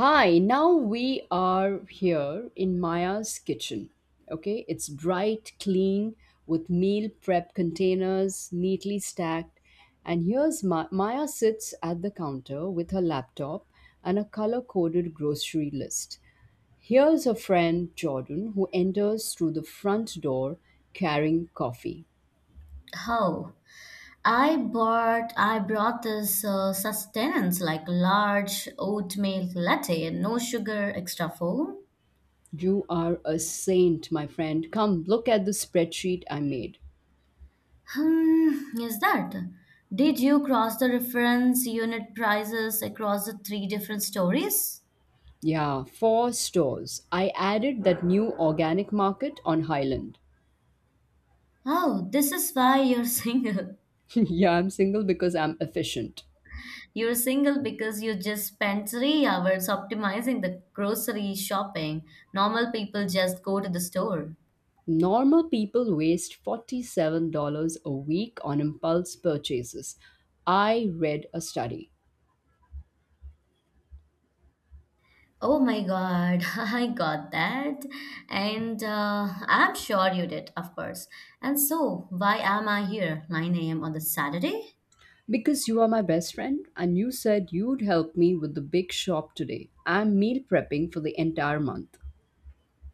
Hi, now we are here in Maya's kitchen. Okay, it's bright, clean, with meal prep containers neatly stacked. And here's Maya sits at the counter with her laptop and a color coded grocery list. Here's her friend Jordan who enters through the front door carrying coffee. Oh, I brought this sustenance like large oatmeal latte, no sugar, extra foam. You are a saint, my friend. Come, look at the spreadsheet I made. Hmm, is that? Did you cross the reference unit prices across the three different stories? Yeah, four stores. I added that new organic market on Highland. Oh, this is why you're single. Yeah, I'm single because I'm efficient. You're single because you just spent 3 hours optimizing the grocery shopping. Normal people just go to the store. Normal people waste $47 a week on impulse purchases. I read a study. Oh my God, I got that. And I'm sure you did, of course. And so, why am I here? 9 a.m. on the Saturday? Because you are my best friend and you said you'd help me with the big shop today, I'm meal prepping for the entire month.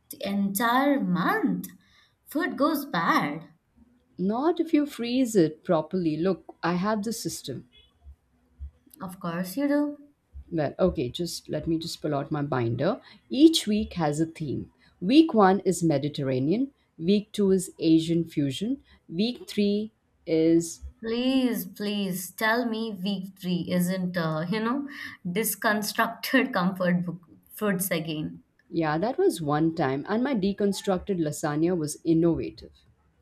The entire month? Food goes bad. Not if you freeze it properly. Look, I have the system. Of course you do. Well, okay, just let me just pull out my binder. Each week has a theme. Week one is Mediterranean, week two is Asian fusion, week three is, Please tell me week three isn't, disconstructed comfort book foods again. yeah, that was one time. And my deconstructed lasagna was innovative.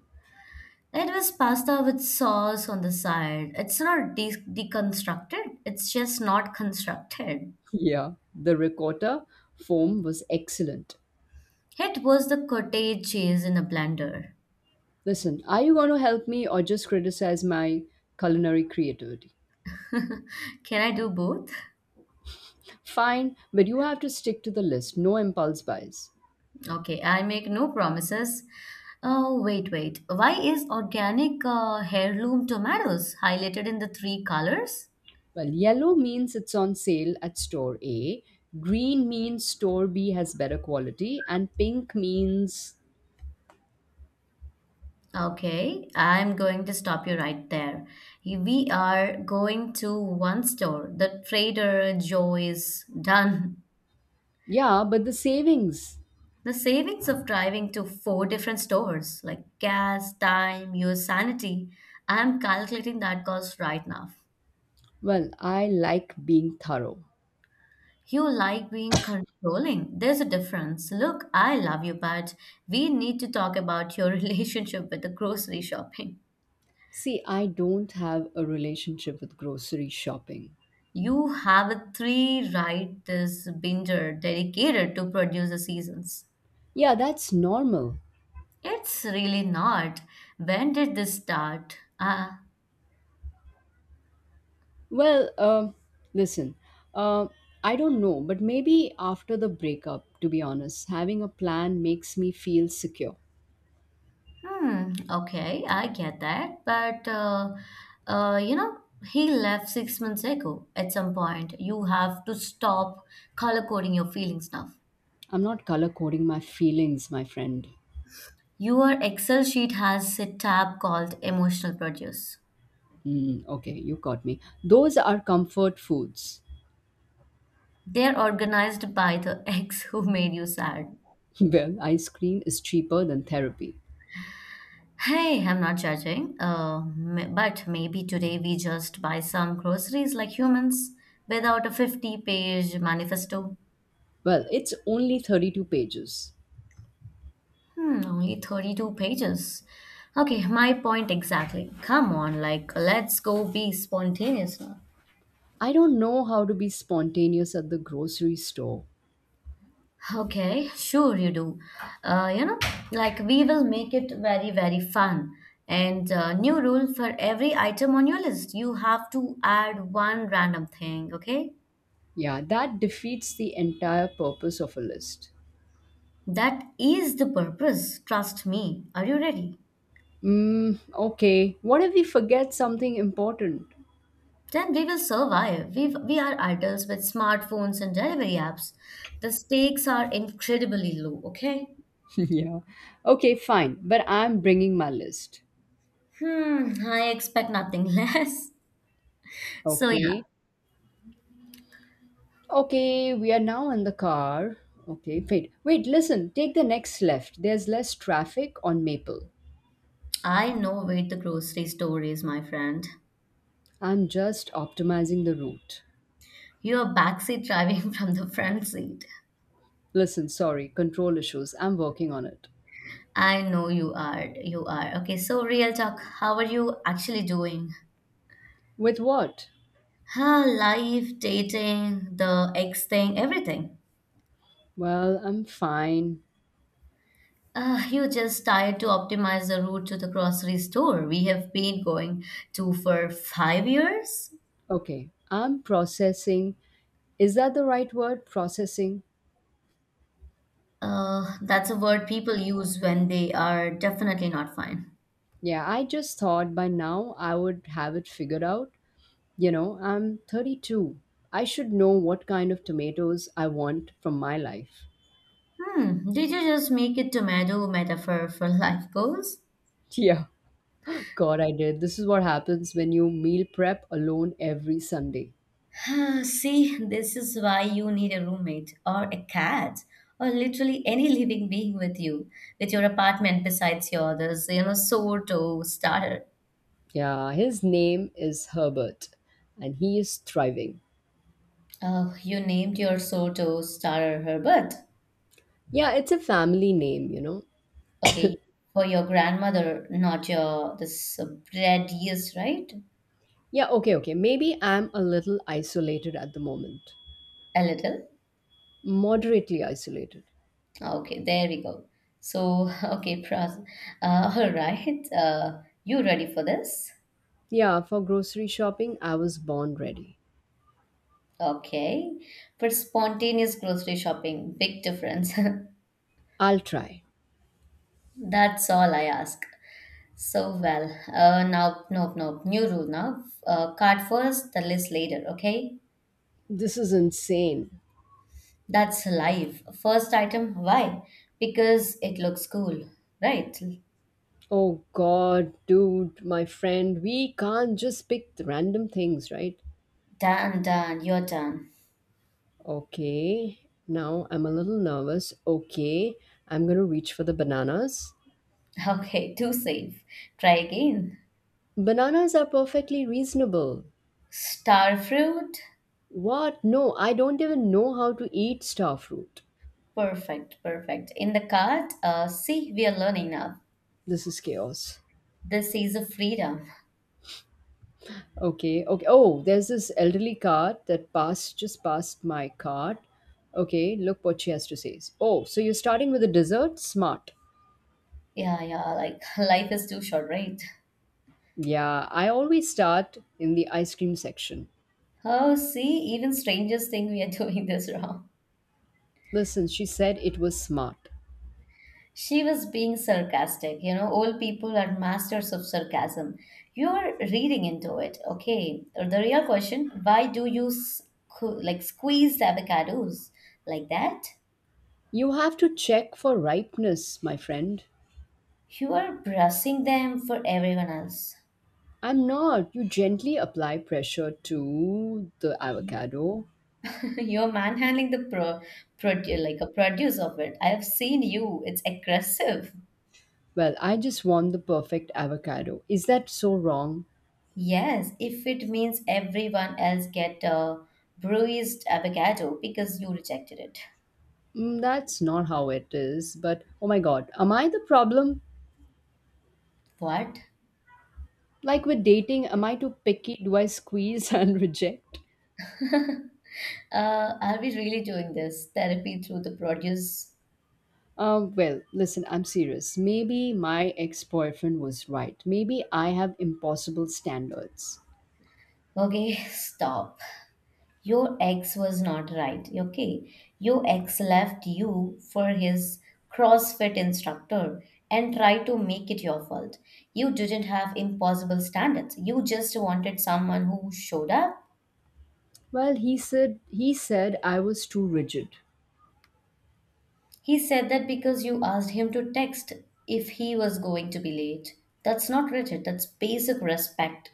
It was pasta with sauce on the side. It's not deconstructed, it's just not constructed. Yeah, the ricotta foam was excellent. It was the cottage cheese in a blender. Listen, are you going to help me or just criticize my culinary creativity? Can I do both? Fine, but you have to stick to the list, no impulse buys. Okay, I make no promises. Oh, wait. Why is organic heirloom tomatoes highlighted in the three colors? Well, yellow means it's on sale at store A, green means store B has better quality, and pink means, Okay, I'm going to stop you right there. We are going to one store, the Trader Joe's. Done. yeah, but the savings. The savings of driving to four different stores, like gas, time, your sanity, I'm calculating that cost right now. Well, I like being thorough. You like being controlling. There's a difference. Look, I love you, but we need to talk about your relationship with the grocery shopping. See, I don't have a relationship with grocery shopping. You have a three right this binder dedicated to produce the seasons. Yeah, that's normal. It's really not. When did this start? Well, listen, uh, I don't know, but maybe after the breakup, to be honest, having a plan makes me feel secure. Hmm, okay, I get that. But, uh, you know, he left 6 months ago at some point. You have to stop color coding your feelings now. I'm not color coding my feelings, my friend. Your Excel sheet has a tab called Emotional Produce. Mm, okay, you caught me. Those are comfort foods. They're organized by the ex who made you sad. Well, ice cream is cheaper than therapy. Hey, I'm not judging, but maybe today we just buy some groceries like humans without a 50-page manifesto. Well, it's only 32 pages. Hmm, only 32 pages. Okay, my point exactly. Come on, like, let's go be spontaneous now. I don't know how to be spontaneous at the grocery store. Okay, sure you do. Uh, you know, like we will make it very, very fun. And new rule for every item on your list, you have to add one random thing, okay? Yeah, that defeats the entire purpose of a list. That is the purpose. Trust me. Are you ready? Mm, okay, what if we forget something important? Then we will survive. We are adults with smartphones and delivery apps. The stakes are incredibly low, okay? Yeah. Okay, fine, but I'm bringing my list. Hmm, I expect nothing less. So yeah, Okay. Okay, we are now in the car. Okay, listen, take the next left. There's less traffic on Maple. I know where the grocery store is, my friend. I'm just optimizing the route. You're backseat driving from the front seat. Listen, sorry, control issues. I'm working on it. I know you are. You are. Okay, so real talk, how are you actually doing? With what? Life, dating, the ex thing, everything. Well, I'm fine. You just tired to optimize the route to the grocery store. We have been going to for 5 years. Okay, I'm processing. Is that the right word? Processing? That's a word people use when they are definitely not fine. Yeah, I just thought by now I would have it figured out. You know, I'm 32. I should know what kind of tomatoes I want from my life. Hmm, did you just make it tomato metaphor for life goals? Yeah. God, I did. This is what happens when you meal prep alone every Sunday. See, this is why you need a roommate or a cat or literally any living being with you, with your apartment besides yours, you know, sourdough starter. Yeah, his name is Herbert and he is thriving. Oh, you named your sourdough starter Herbert. Yeah, it's a family name, you know. Okay, for your grandmother, not your this bread yeast, right? Yeah, okay. Maybe I'm a little isolated at the moment. A little. Moderately isolated. Okay, there we go. So, okay, pros. All right. You ready for this? Yeah, for grocery shopping, I was born ready. Okay, but spontaneous grocery shopping, big difference. I'll try. That's all I ask. So well, new rule now. Cart first, the list later, okay? This is insane. That's life. First item, why? Because it looks cool, right? Oh God, dude, my friend, we can't just pick the random things, right? Done, you're done. Okay, now I'm a little nervous. Okay, I'm gonna reach for the bananas. Okay, too safe. Try again. Bananas are perfectly reasonable. Star fruit, What? No, I don't even know how to eat starfruit. perfect. In the cart, see, we are learning now. This is chaos. This is a freedom. Okay. Oh, there's this elderly cart that passed just past my cart. Okay, look what she has to say. Oh, so you're starting with a dessert? Smart. Yeah, yeah, like life is too short, right? Yeah, I always start in the ice cream section. Oh, see, even strangers think we are doing this wrong. Listen, she said it was smart. She was being sarcastic. You know, old people are masters of sarcasm. You're reading into it, okay? The real question, why do you like squeeze the avocados like that? You have to check for ripeness, my friend. You are brushing them for everyone else. I'm not. You gently apply pressure to the avocado. You're manhandling the like a produce of it. I have seen you. It's aggressive. Well, I just want the perfect avocado. Is that so wrong? Yes, if it means everyone else get a bruised avocado because you rejected it. Mm, that's not how it is. But oh my god, am I the problem? What? Like with dating, am I too picky? Do I squeeze and reject? uh, are we really doing this therapy through the produce? Well, listen, I'm serious. Maybe my ex boyfriend was right. Maybe I have impossible standards. Okay, stop. Your ex was not right. Okay, your ex left you for his CrossFit instructor and tried to make it your fault. You didn't have impossible standards. You just wanted someone who showed up. Well, he said I was too rigid. He said that because you asked him to text if he was going to be late. That's not rigid, that's basic respect.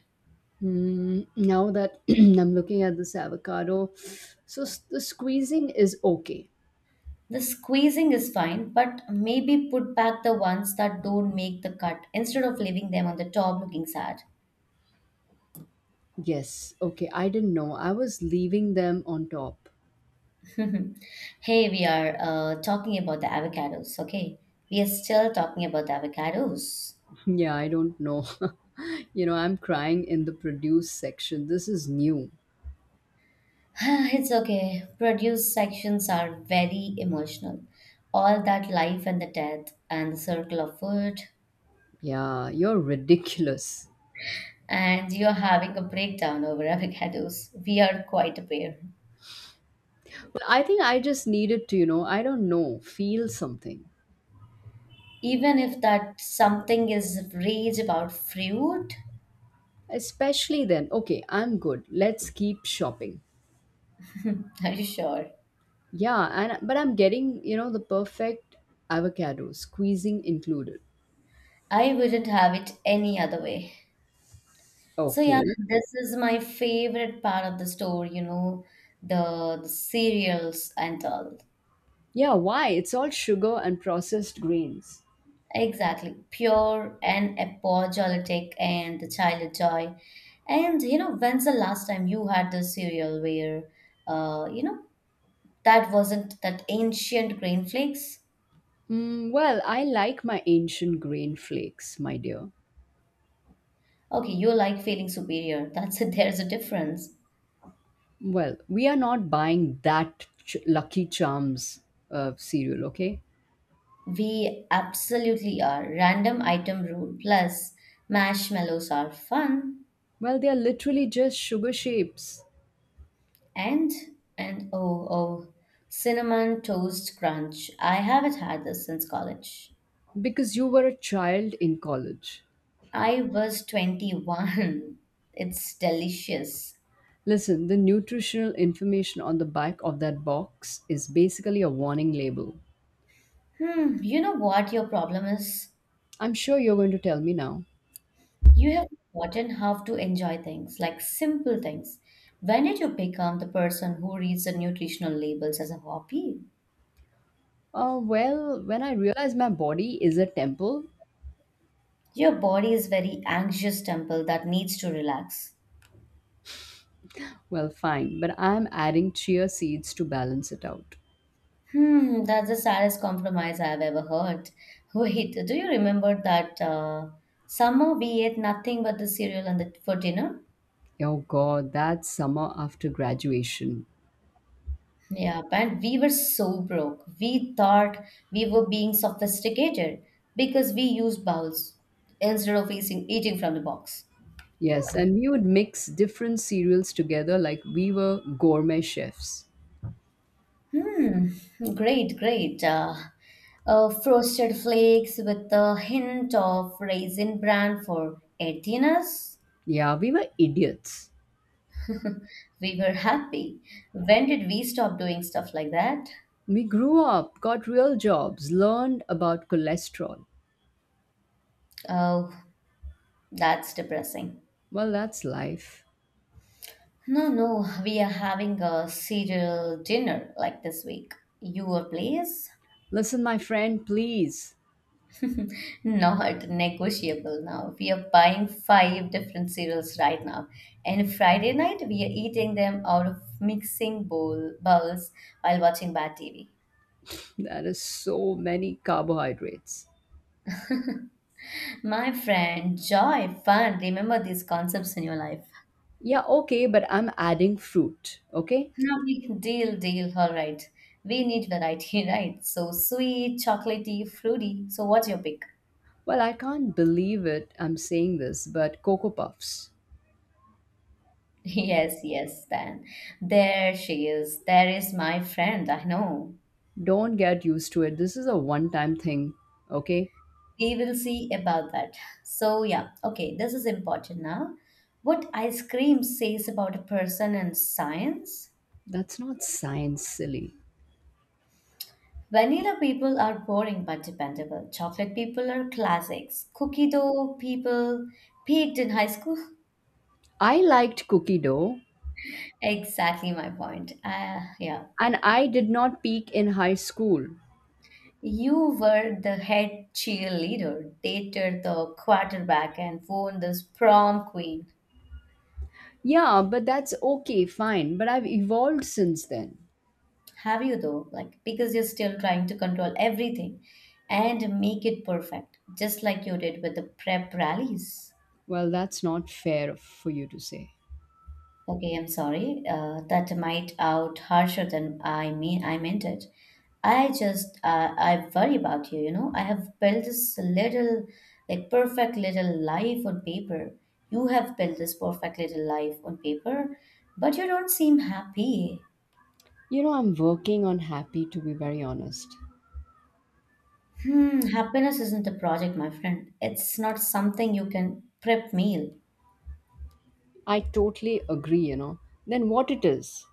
Mm, now that I'm looking at this avocado, the squeezing is okay. The squeezing is fine, but maybe put back the ones that don't make the cut instead of leaving them on the top looking sad. Yes, okay. I didn't know. I was leaving them on top. hey, we are talking about the avocados, okay? We are still talking about the avocados. Yeah, I don't know. You know, I'm crying in the produce section. This is new. it's okay. Produce sections are very emotional. All that life and the death and the circle of food. Yeah, you're ridiculous. And you're having a breakdown over avocados. We are quite a pair. Well, I think I just needed to, I don't know, feel something. Even if that something is rage about fruit, Especially then, okay, I'm good. Let's keep shopping. are you sure? Yeah, and but I'm getting, the perfect avocado, squeezing included. I wouldn't have it any other way. So yeah, Okay. this is my favorite part of the store, you know, the cereals and all. Yeah, why? It's all sugar and processed grains. Exactly. Pure and apologetic and the child joy. And you know, when's the last time you had the cereal where uh, you know, that wasn't that ancient grain flakes. Mm, well, I like my ancient grain flakes, my dear. Okay, you like feeling superior. That's it. There's a difference. Well, we are not buying that Lucky Charms cereal, okay? We absolutely are. Random item rule. Plus, marshmallows are fun. Well, they are literally just sugar shapes And, and oh, cinnamon toast crunch. I haven't had this since college. because you were a child in college. I was 21. It's delicious. Listen, the nutritional information on the back of that box is basically a warning label. Hmm, you know what your problem is? I'm sure you're going to tell me now. You have forgotten how to enjoy things, like simple things. When did you become the person who reads the nutritional labels as a hobby? Well, when I realize my body is a temple, Your body is very anxious temple that needs to relax. well, fine, but I'm adding chia seeds to balance it out. Hmm, that's the saddest compromise I've ever heard. Wait, do you remember that summer we ate nothing but the cereal and the, for dinner? Oh god, that summer after graduation. Yeah, and we were so broke. We thought we were being sophisticated because we used bowls instead of eating from the box. Yes, and we would mix different cereals together like we were gourmet chefs. Hmm, great. Frosted flakes with a hint of raisin bran for 18 us. Yeah, we were idiots. We were happy. When did we stop doing stuff like that? We grew up, got real jobs, learned about cholesterol. Oh, that's depressing. Well, that's life. No, we are having a cereal dinner like this week. Your place? Listen, my friend, please. Not negotiable now. We are buying five different cereals right now. And Friday night, we are eating them out of mixing bowls while watching bad TV. That is so many carbohydrates. My friend, joy, fun, remember these concepts in your life. Yeah, okay, but I'm adding fruit, okay? No we can deal, all right. We need variety, right? So sweet, chocolatey, fruity. So what's your pick? Well, I can't believe it. I'm saying this, but Cocoa Puffs. Yes, then. There she is. There is my friend, I know. Don't get used to it. This is a one time thing, okay? We will see about that. So, yeah, okay, this is important now. What ice cream says about a person and science? That's not science, silly. Vanilla people are boring but dependable. Chocolate people are classics. Cookie dough people peaked in high school. I liked cookie dough Exactly my point. Yeah. and I did not peak in high school. You were the head cheerleader, dated the quarterback, and won this prom queen. Yeah, but that's okay, fine. But I've evolved since then. Have you though? Like, because you're still trying to control everything and make it perfect, just like you did with the prep rallies. Well, that's not fair for you to say. Okay, I'm sorry. That might out harsher than I meant it. I just I worry about you. You know, I have built this little, like perfect little life on paper. You have built this perfect little life on paper, but you don't seem happy. You know, I'm working on happy, to be very honest. Hmm, happiness isn't a project, my friend. It's not something you can prep meal. I totally agree, you know. Then what it is?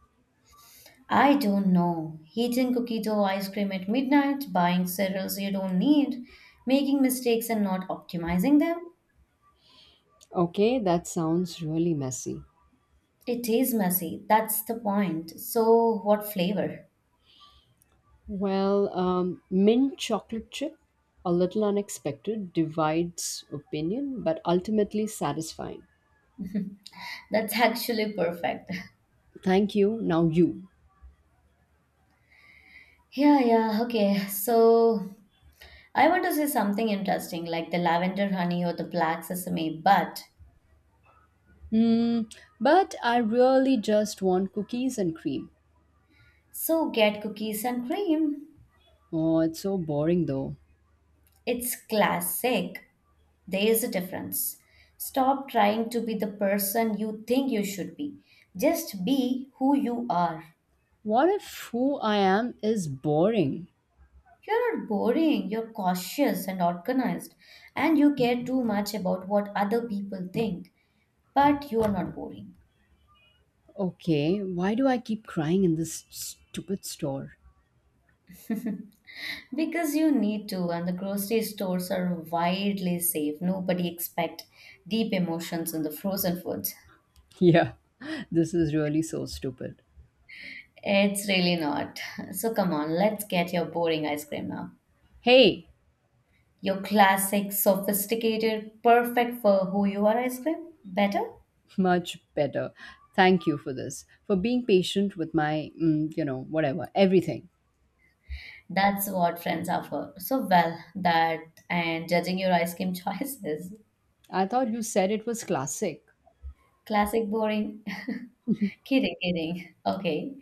I don't know. Eating cookie dough ice cream at midnight, buying cereals you don't need, making mistakes and not optimizing them. Okay, that sounds really messy. It is messy. That's the point. So, what flavor? Well, mint chocolate chip, a little unexpected, divides opinion, but ultimately satisfying. That's actually perfect. Thank you. Now you. Yeah, okay. So, I want to say something interesting like the lavender honey or the black sesame, but Hmm. But I really just want cookies and cream. so get cookies and cream. Oh, it's so boring though. It's classic. There is a difference. Stop trying to be the person you think you should be. Just be who you are. What if who I am is boring? You're not boring, you're cautious and organized, and you care too much about what other people think. But you are not boring Okay, why do I keep crying in this stupid store? because you need to, and the grocery stores are widely safe. Nobody expect deep emotions in the frozen foods. Yeah, this is really so stupid. It's really not. So come on, let's get your boring ice cream now. Hey, Your classic, sophisticated, perfect for who you are ice cream? Better? much better. Thank you for this, for being patient with my, mm, whatever, everything. That's what friends are for. So, well, that and judging your ice cream choices. I thought you said it was classic. Classic boring. Kidding. Okay.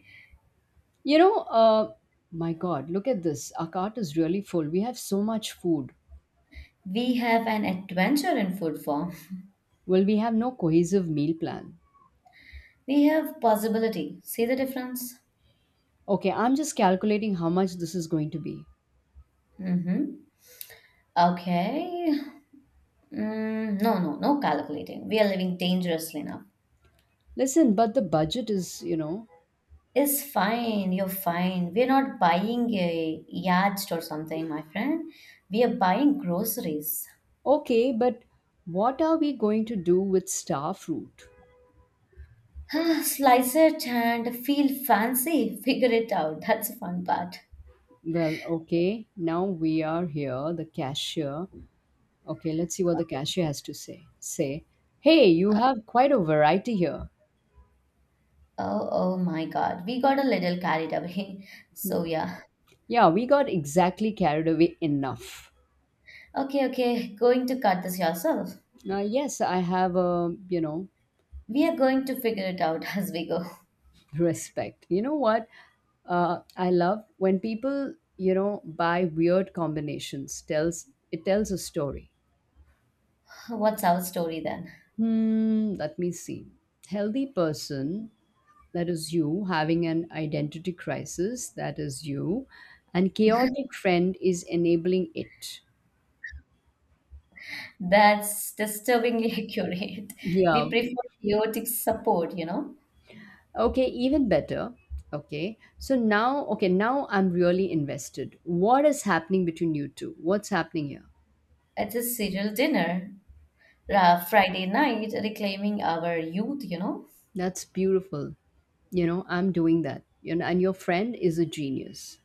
You know, uh, my God, look at this. Our cart is really full. We have so much food. We have an adventure in food form. Well, we have no cohesive meal plan. We have possibility. See the difference? Okay, I'm just calculating how much this is going to be. Mm-hmm. Okay. Mm, no calculating. We are living dangerously now. Listen, but the budget is, you know, It's fine, you're fine. We're not buying a yacht or something, my friend. We are buying groceries. okay, but what are we going to do with star fruit? Slice it and feel fancy. Figure it out. That's the fun part. Well, okay, now we are here, the cashier. Okay, let's see what the cashier has to say. Say, hey, you have quite a variety here. Oh, oh my God, we got a little carried away. So, yeah. Yeah, we got exactly carried away enough. Okay, okay. Going to cut this yourself. Yes, I have a, you know, We are going to figure it out as we go. respect. You know what? I love when people, buy weird combinations. Tells a story. What's our story then? Hmm, let me see. Healthy person, that is you, having an identity crisis, that is you, and chaotic friend is enabling it. That's disturbingly accurate. Yeah, We prefer chaotic support, you know. okay, even better. Okay. So now, okay, now I'm really invested. What is happening between you two? What's happening here? It's a serial dinner, Friday night reclaiming our youth, you know? That's beautiful. You know, I'm doing that. You know, and your friend is a genius.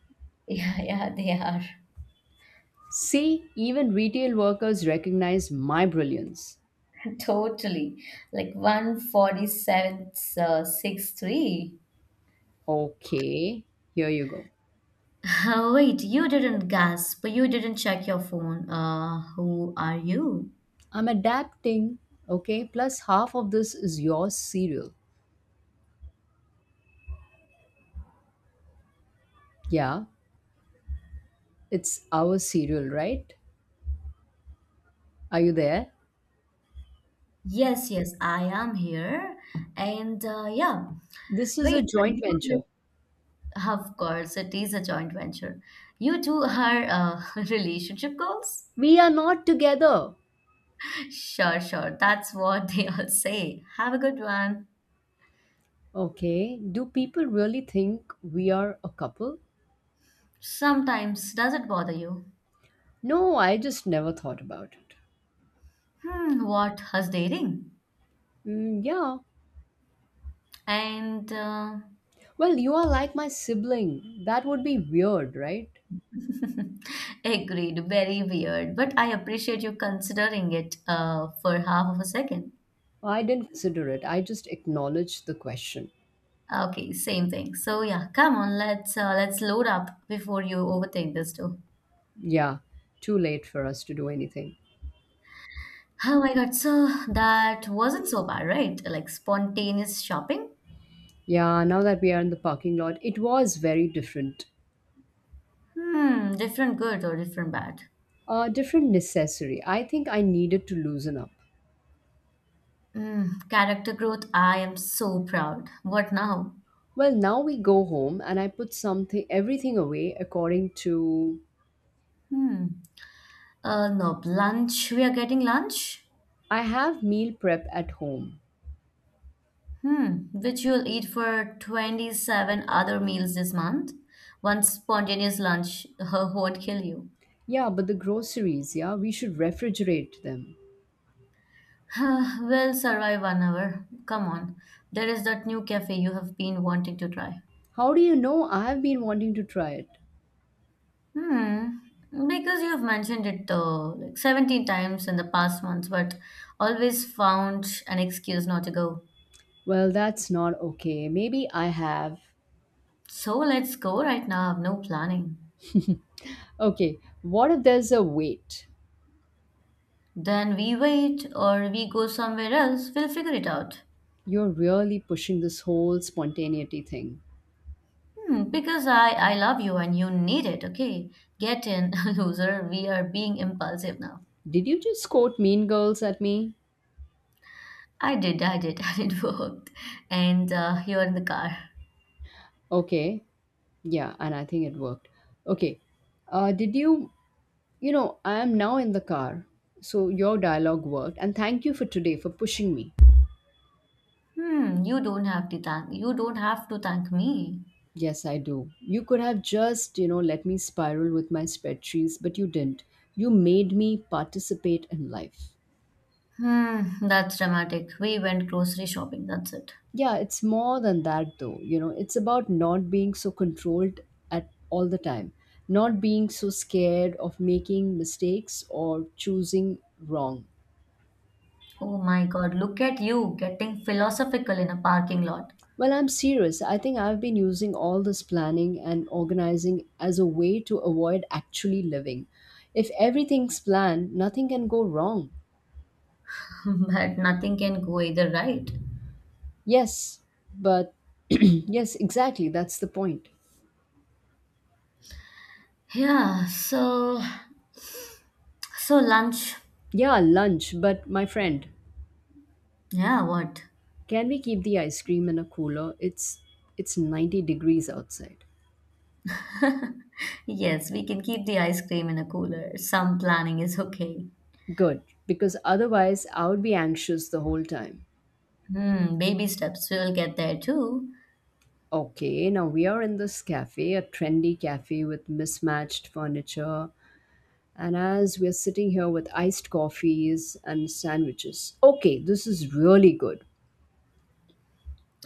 Yeah, yeah, they are. See, even retail workers recognize my brilliance. Totally. Like 147th, 6'3. Okay, here you go. Wait, you didn't gasp. You didn't check your phone. Who are you? I'm adapting. Okay, plus half of this is your cereal. Yeah, it's our cereal, right? Are you there? Yes, yes, I am here. And yeah, This is a wait, joint you venture. did, of course, it is a joint venture. You two are relationship goals? We are not together. Sure, sure. That's what they all say. Have a good one. Okay, do people really think we are a couple? Sometimes, does it bother you? No, I just never thought about it. Hmm, what has dating? Mm, yeah. And Well, you are like my sibling. That would be weird, right? agreed, very weird, but I appreciate you considering it for half of a second. I didn't consider it. I just acknowledged the question. Okay, same thing. So yeah, come on, let's load up before you overthink this too. Yeah, too late for us to do anything. Oh my God, so that wasn't so bad, right? Like spontaneous shopping? Yeah, now that we are in the parking lot, it was very different. Hmm, different good or different bad? Different necessary. I think I needed to loosen up. Mm, character growth, I am so proud. What now? Well, now we go home and I put something everything away according to Hmm. No, lunch. We are getting lunch. I have meal prep at home. Hmm. Which you'll eat for 27 other meals this month. One spontaneous lunch won't kill you. Yeah, but the groceries, yeah, we should refrigerate them. We'll survive 1 hour. Come on. There is that new cafe you have been wanting to try. How do you know I have been wanting to try it? Hmm. Because you have mentioned it like 17 times in the past months, but always found an excuse not to go. Well, that's not okay. Maybe I have. So let's go right now. I have no planning. Okay, what if there's a wait? Then we wait or we go somewhere else. We'll figure it out. You're really pushing this whole spontaneity thing. Hmm, because I love you and you need it, okay? Get in, loser. We are being impulsive now. Did you just quote Mean Girls at me? I did, and it worked. And you're in the car. Okay, yeah, and I think it worked. Okay, did you, you know, I am now in the car. So your dialogue worked, and thank you for today for pushing me. Hmm, you don't have to thank, you don't have to thank me. Yes, I do. You could have just, let me spiral with my spreadsheets, but you didn't. You made me participate in life. Hmm, that's dramatic. We went grocery shopping, that's it. Yeah, it's more than that though. You know, it's about not being so controlled at all the time, not being so scared of making mistakes or choosing wrong. Oh my God, look at you getting philosophical in a parking lot. Well, I'm serious. I think I've been using all this planning and organizing as a way to avoid actually living. If everything's planned, nothing can go wrong. But nothing can go either, right? Yes, but yes exactly. That's the point. Yeah, so so lunch, Yeah, lunch, but my friend, yeah, what? can we keep the ice cream in a cooler? It's 90 degrees outside. Yes, we can keep the ice cream in a cooler. Some planning is okay. Good, because otherwise I would be anxious the whole time. Hmm, baby steps. We will get there too. Okay, now we are in this cafe, a trendy cafe with mismatched furniture, and as we're sitting here with iced coffees and sandwiches. Okay, this is really good.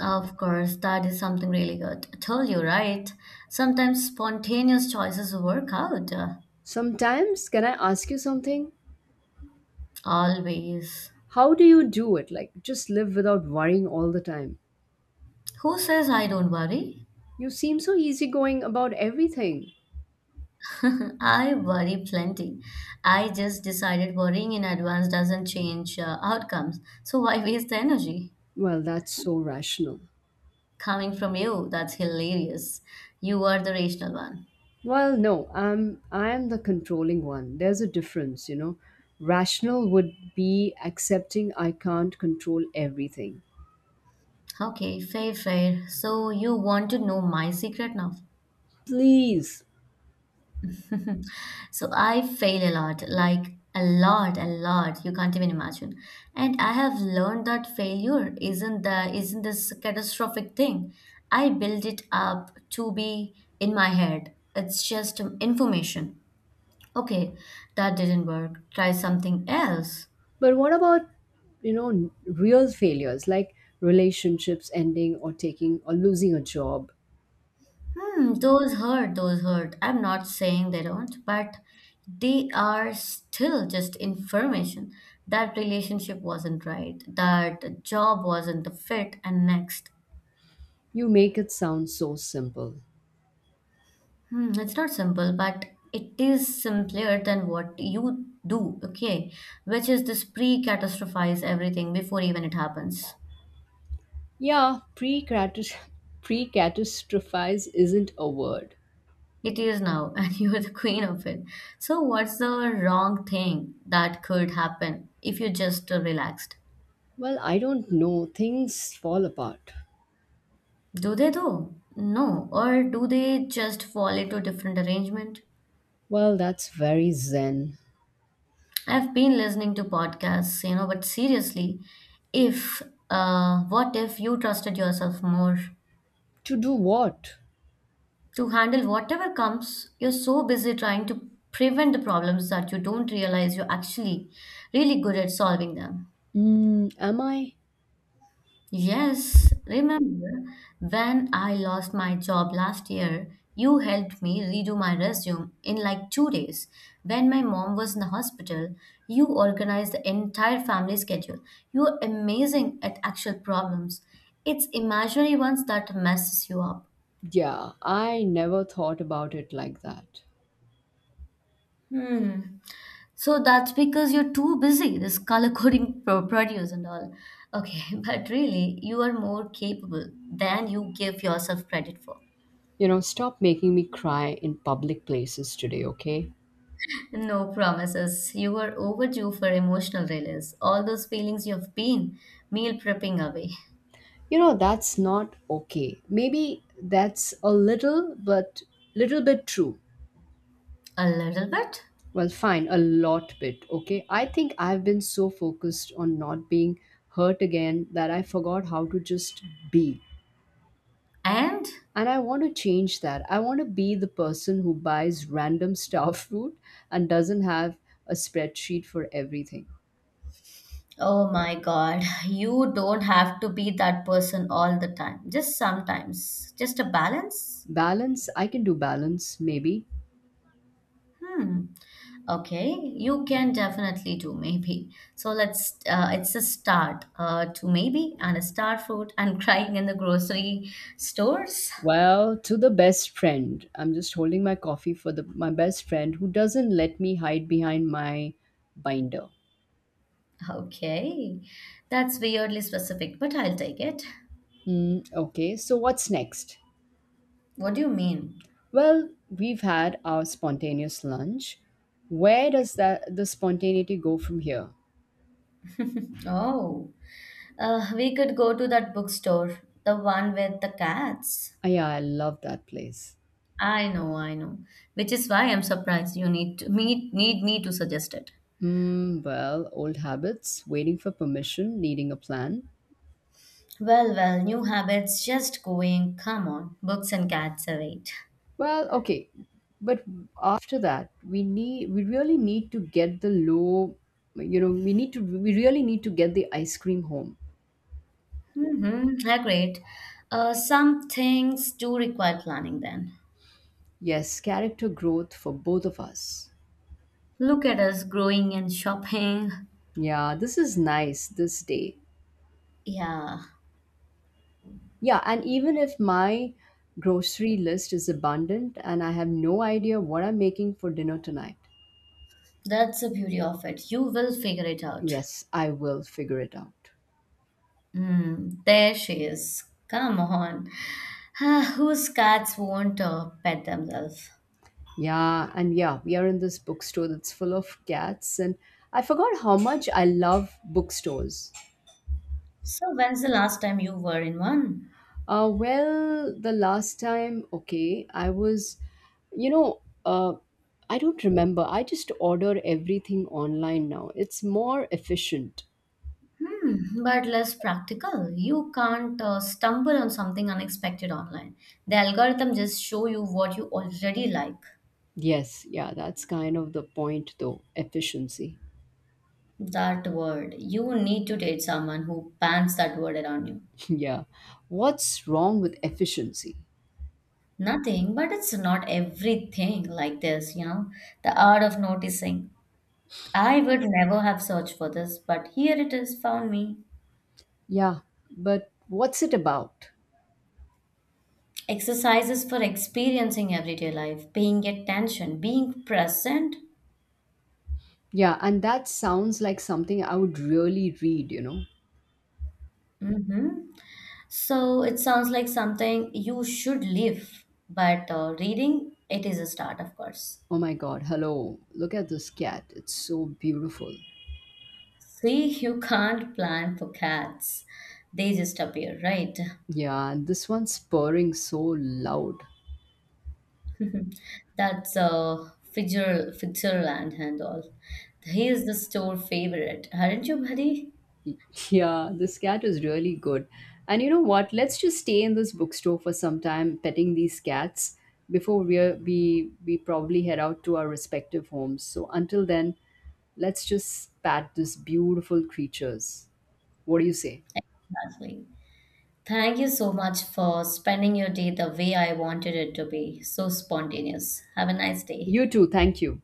Of course, that is something really good. I told you, right? Sometimes spontaneous choices work out. Sometimes, can I ask you something? Always. How do you do it? Like, just live without worrying all the time. Who says I don't worry? You seem so easygoing about everything. I worry plenty. I just decided worrying in advance doesn't change outcomes. So why waste the energy? Well, that's so rational. Coming from you, that's hilarious. You are the rational one. Well, no, I am the controlling one. There's a difference, you know. Rational would be accepting I can't control everything. Okay, fair, fair. So you want to know my secret now? Please. So I fail a lot, like a lot, a lot. You can't even imagine. And I have learned that failure isn't this catastrophic thing. I build it up to be in my head. It's just information. Okay, that didn't work. Try something else. But what about, you know, real failures like relationships ending or taking or losing a job? Hmm, those hurt, those hurt. I'm not saying they don't, but they are still just information. That relationship wasn't right, that job wasn't the fit, and next. You make it sound so simple. Hmm, it's not simple, but it is simpler than what you do, okay? Which is this pre catastrophize everything before even it happens. Yeah, pre catastrophize isn't a word. It is now, and you are the queen of it. So, what's the wrong thing that could happen if you just relaxed? Well, I don't know. Things fall apart. Do they though? No, or do they just fall into different arrangement? Well, that's very zen. I've been listening to podcasts, you know, but seriously, if what if you trusted yourself more To do what? to handle whatever comes? You're so busy trying to prevent the problems that you don't realize you're actually really good at solving them. Mm, am I? Yes, remember when I lost my job last year, you helped me redo my resume in like 2 days. When my mom was in the hospital, you organized the entire family schedule. You are amazing at actual problems. It's imaginary ones that messes you up. Yeah, I never thought about it like that. Hmm. So that's because you're too busy, this color coding produce and all. Okay, but really, you are more capable than you give yourself credit for. You know, stop making me cry in public places today, okay? No promises. You were overdue for emotional release. All those feelings you've been meal prepping away. You know, that's not okay. Maybe that's a little, but little bit true. A little bit. Well, fine, a lot bit, okay? I think I've been so focused on not being hurt again that I forgot how to just be. And And I want to change that. I want to be the person who buys random star fruit and doesn't have a spreadsheet for everything. oh my god, you don't have to be that person all the time. Just sometimes. Just a balance. Balance, I can do balance, maybe. Hmm. Okay, you can definitely do maybe. So let's, it's a start to maybe and a star fruit and crying in the grocery stores. Well, to the best friend, I'm just holding my coffee for the my best friend who doesn't let me hide behind my binder. Okay, that's weirdly specific, but I'll take it. Hmm. Okay, so what's next? What do you mean? Well, we've had our spontaneous lunch. Where does that the spontaneity go from here? Oh, we could go to that bookstore, the one with the cats. Ah, yeah, I love that place. I know, which is why I'm surprised you need to, me need me to suggest it. Mm, well, old habits, waiting for permission, needing a plan. Well, well, new habits just going. Come on, books and cats await. Well, okay, but after that, we really need to get the low. You know, we really need to get the ice cream home. Mm-hmm, agreed. Some things do require planning then. Yes, character growth for both of us. Look at us growing and shopping. Yeah, this is nice this day. Yeah. Yeah, and even if my grocery list is abundant and I have no idea what I'm making for dinner tonight, That's the beauty of it. You will figure it out. yes, I will figure it out. Mm, there she is. Come on. Ah, whose cats won't pet themselves? Yeah, and yeah, we are in this bookstore that's full of cats, and I forgot how much I love bookstores. So, when's the last time you were in one? Well, the last time, okay, I was, you know, uh, I don't remember. I just order everything online now. It's more efficient. Hmm, but less practical. You can't stumble on something unexpected online. The algorithm just show you what you already like. Yes, yeah, that's kind of the point though. Efficiency. That word. You need to date someone who bans that word around you. Yeah. What's wrong with efficiency? Nothing, but it's not everything like this, you know. The art of noticing. I would never have searched for this, but here it is, found me. Yeah, but what's it about? Exercises for experiencing everyday life, paying attention, being present. Yeah, and that sounds like something I would really read, you know? Hmm. So it sounds like something you should live, but reading, it is a start, of course. Oh my god, hello. Look at this cat. It's so beautiful. See, you can't plan for cats, they just appear, right? Yeah, and this one's purring so loud. Mhm. That's Fitzer, Fitzerland and all. He is the store favorite, aren't you, buddy? Yeah, this cat is really good. And you know what? Let's just stay in this bookstore for some time, petting these cats before we are we probably head out to our respective homes. So until then, let's just pat these beautiful creatures. What do you say? Exactly. Thank you so much for spending your day the way I wanted it to be, so spontaneous. Have a nice day. You too. Thank you.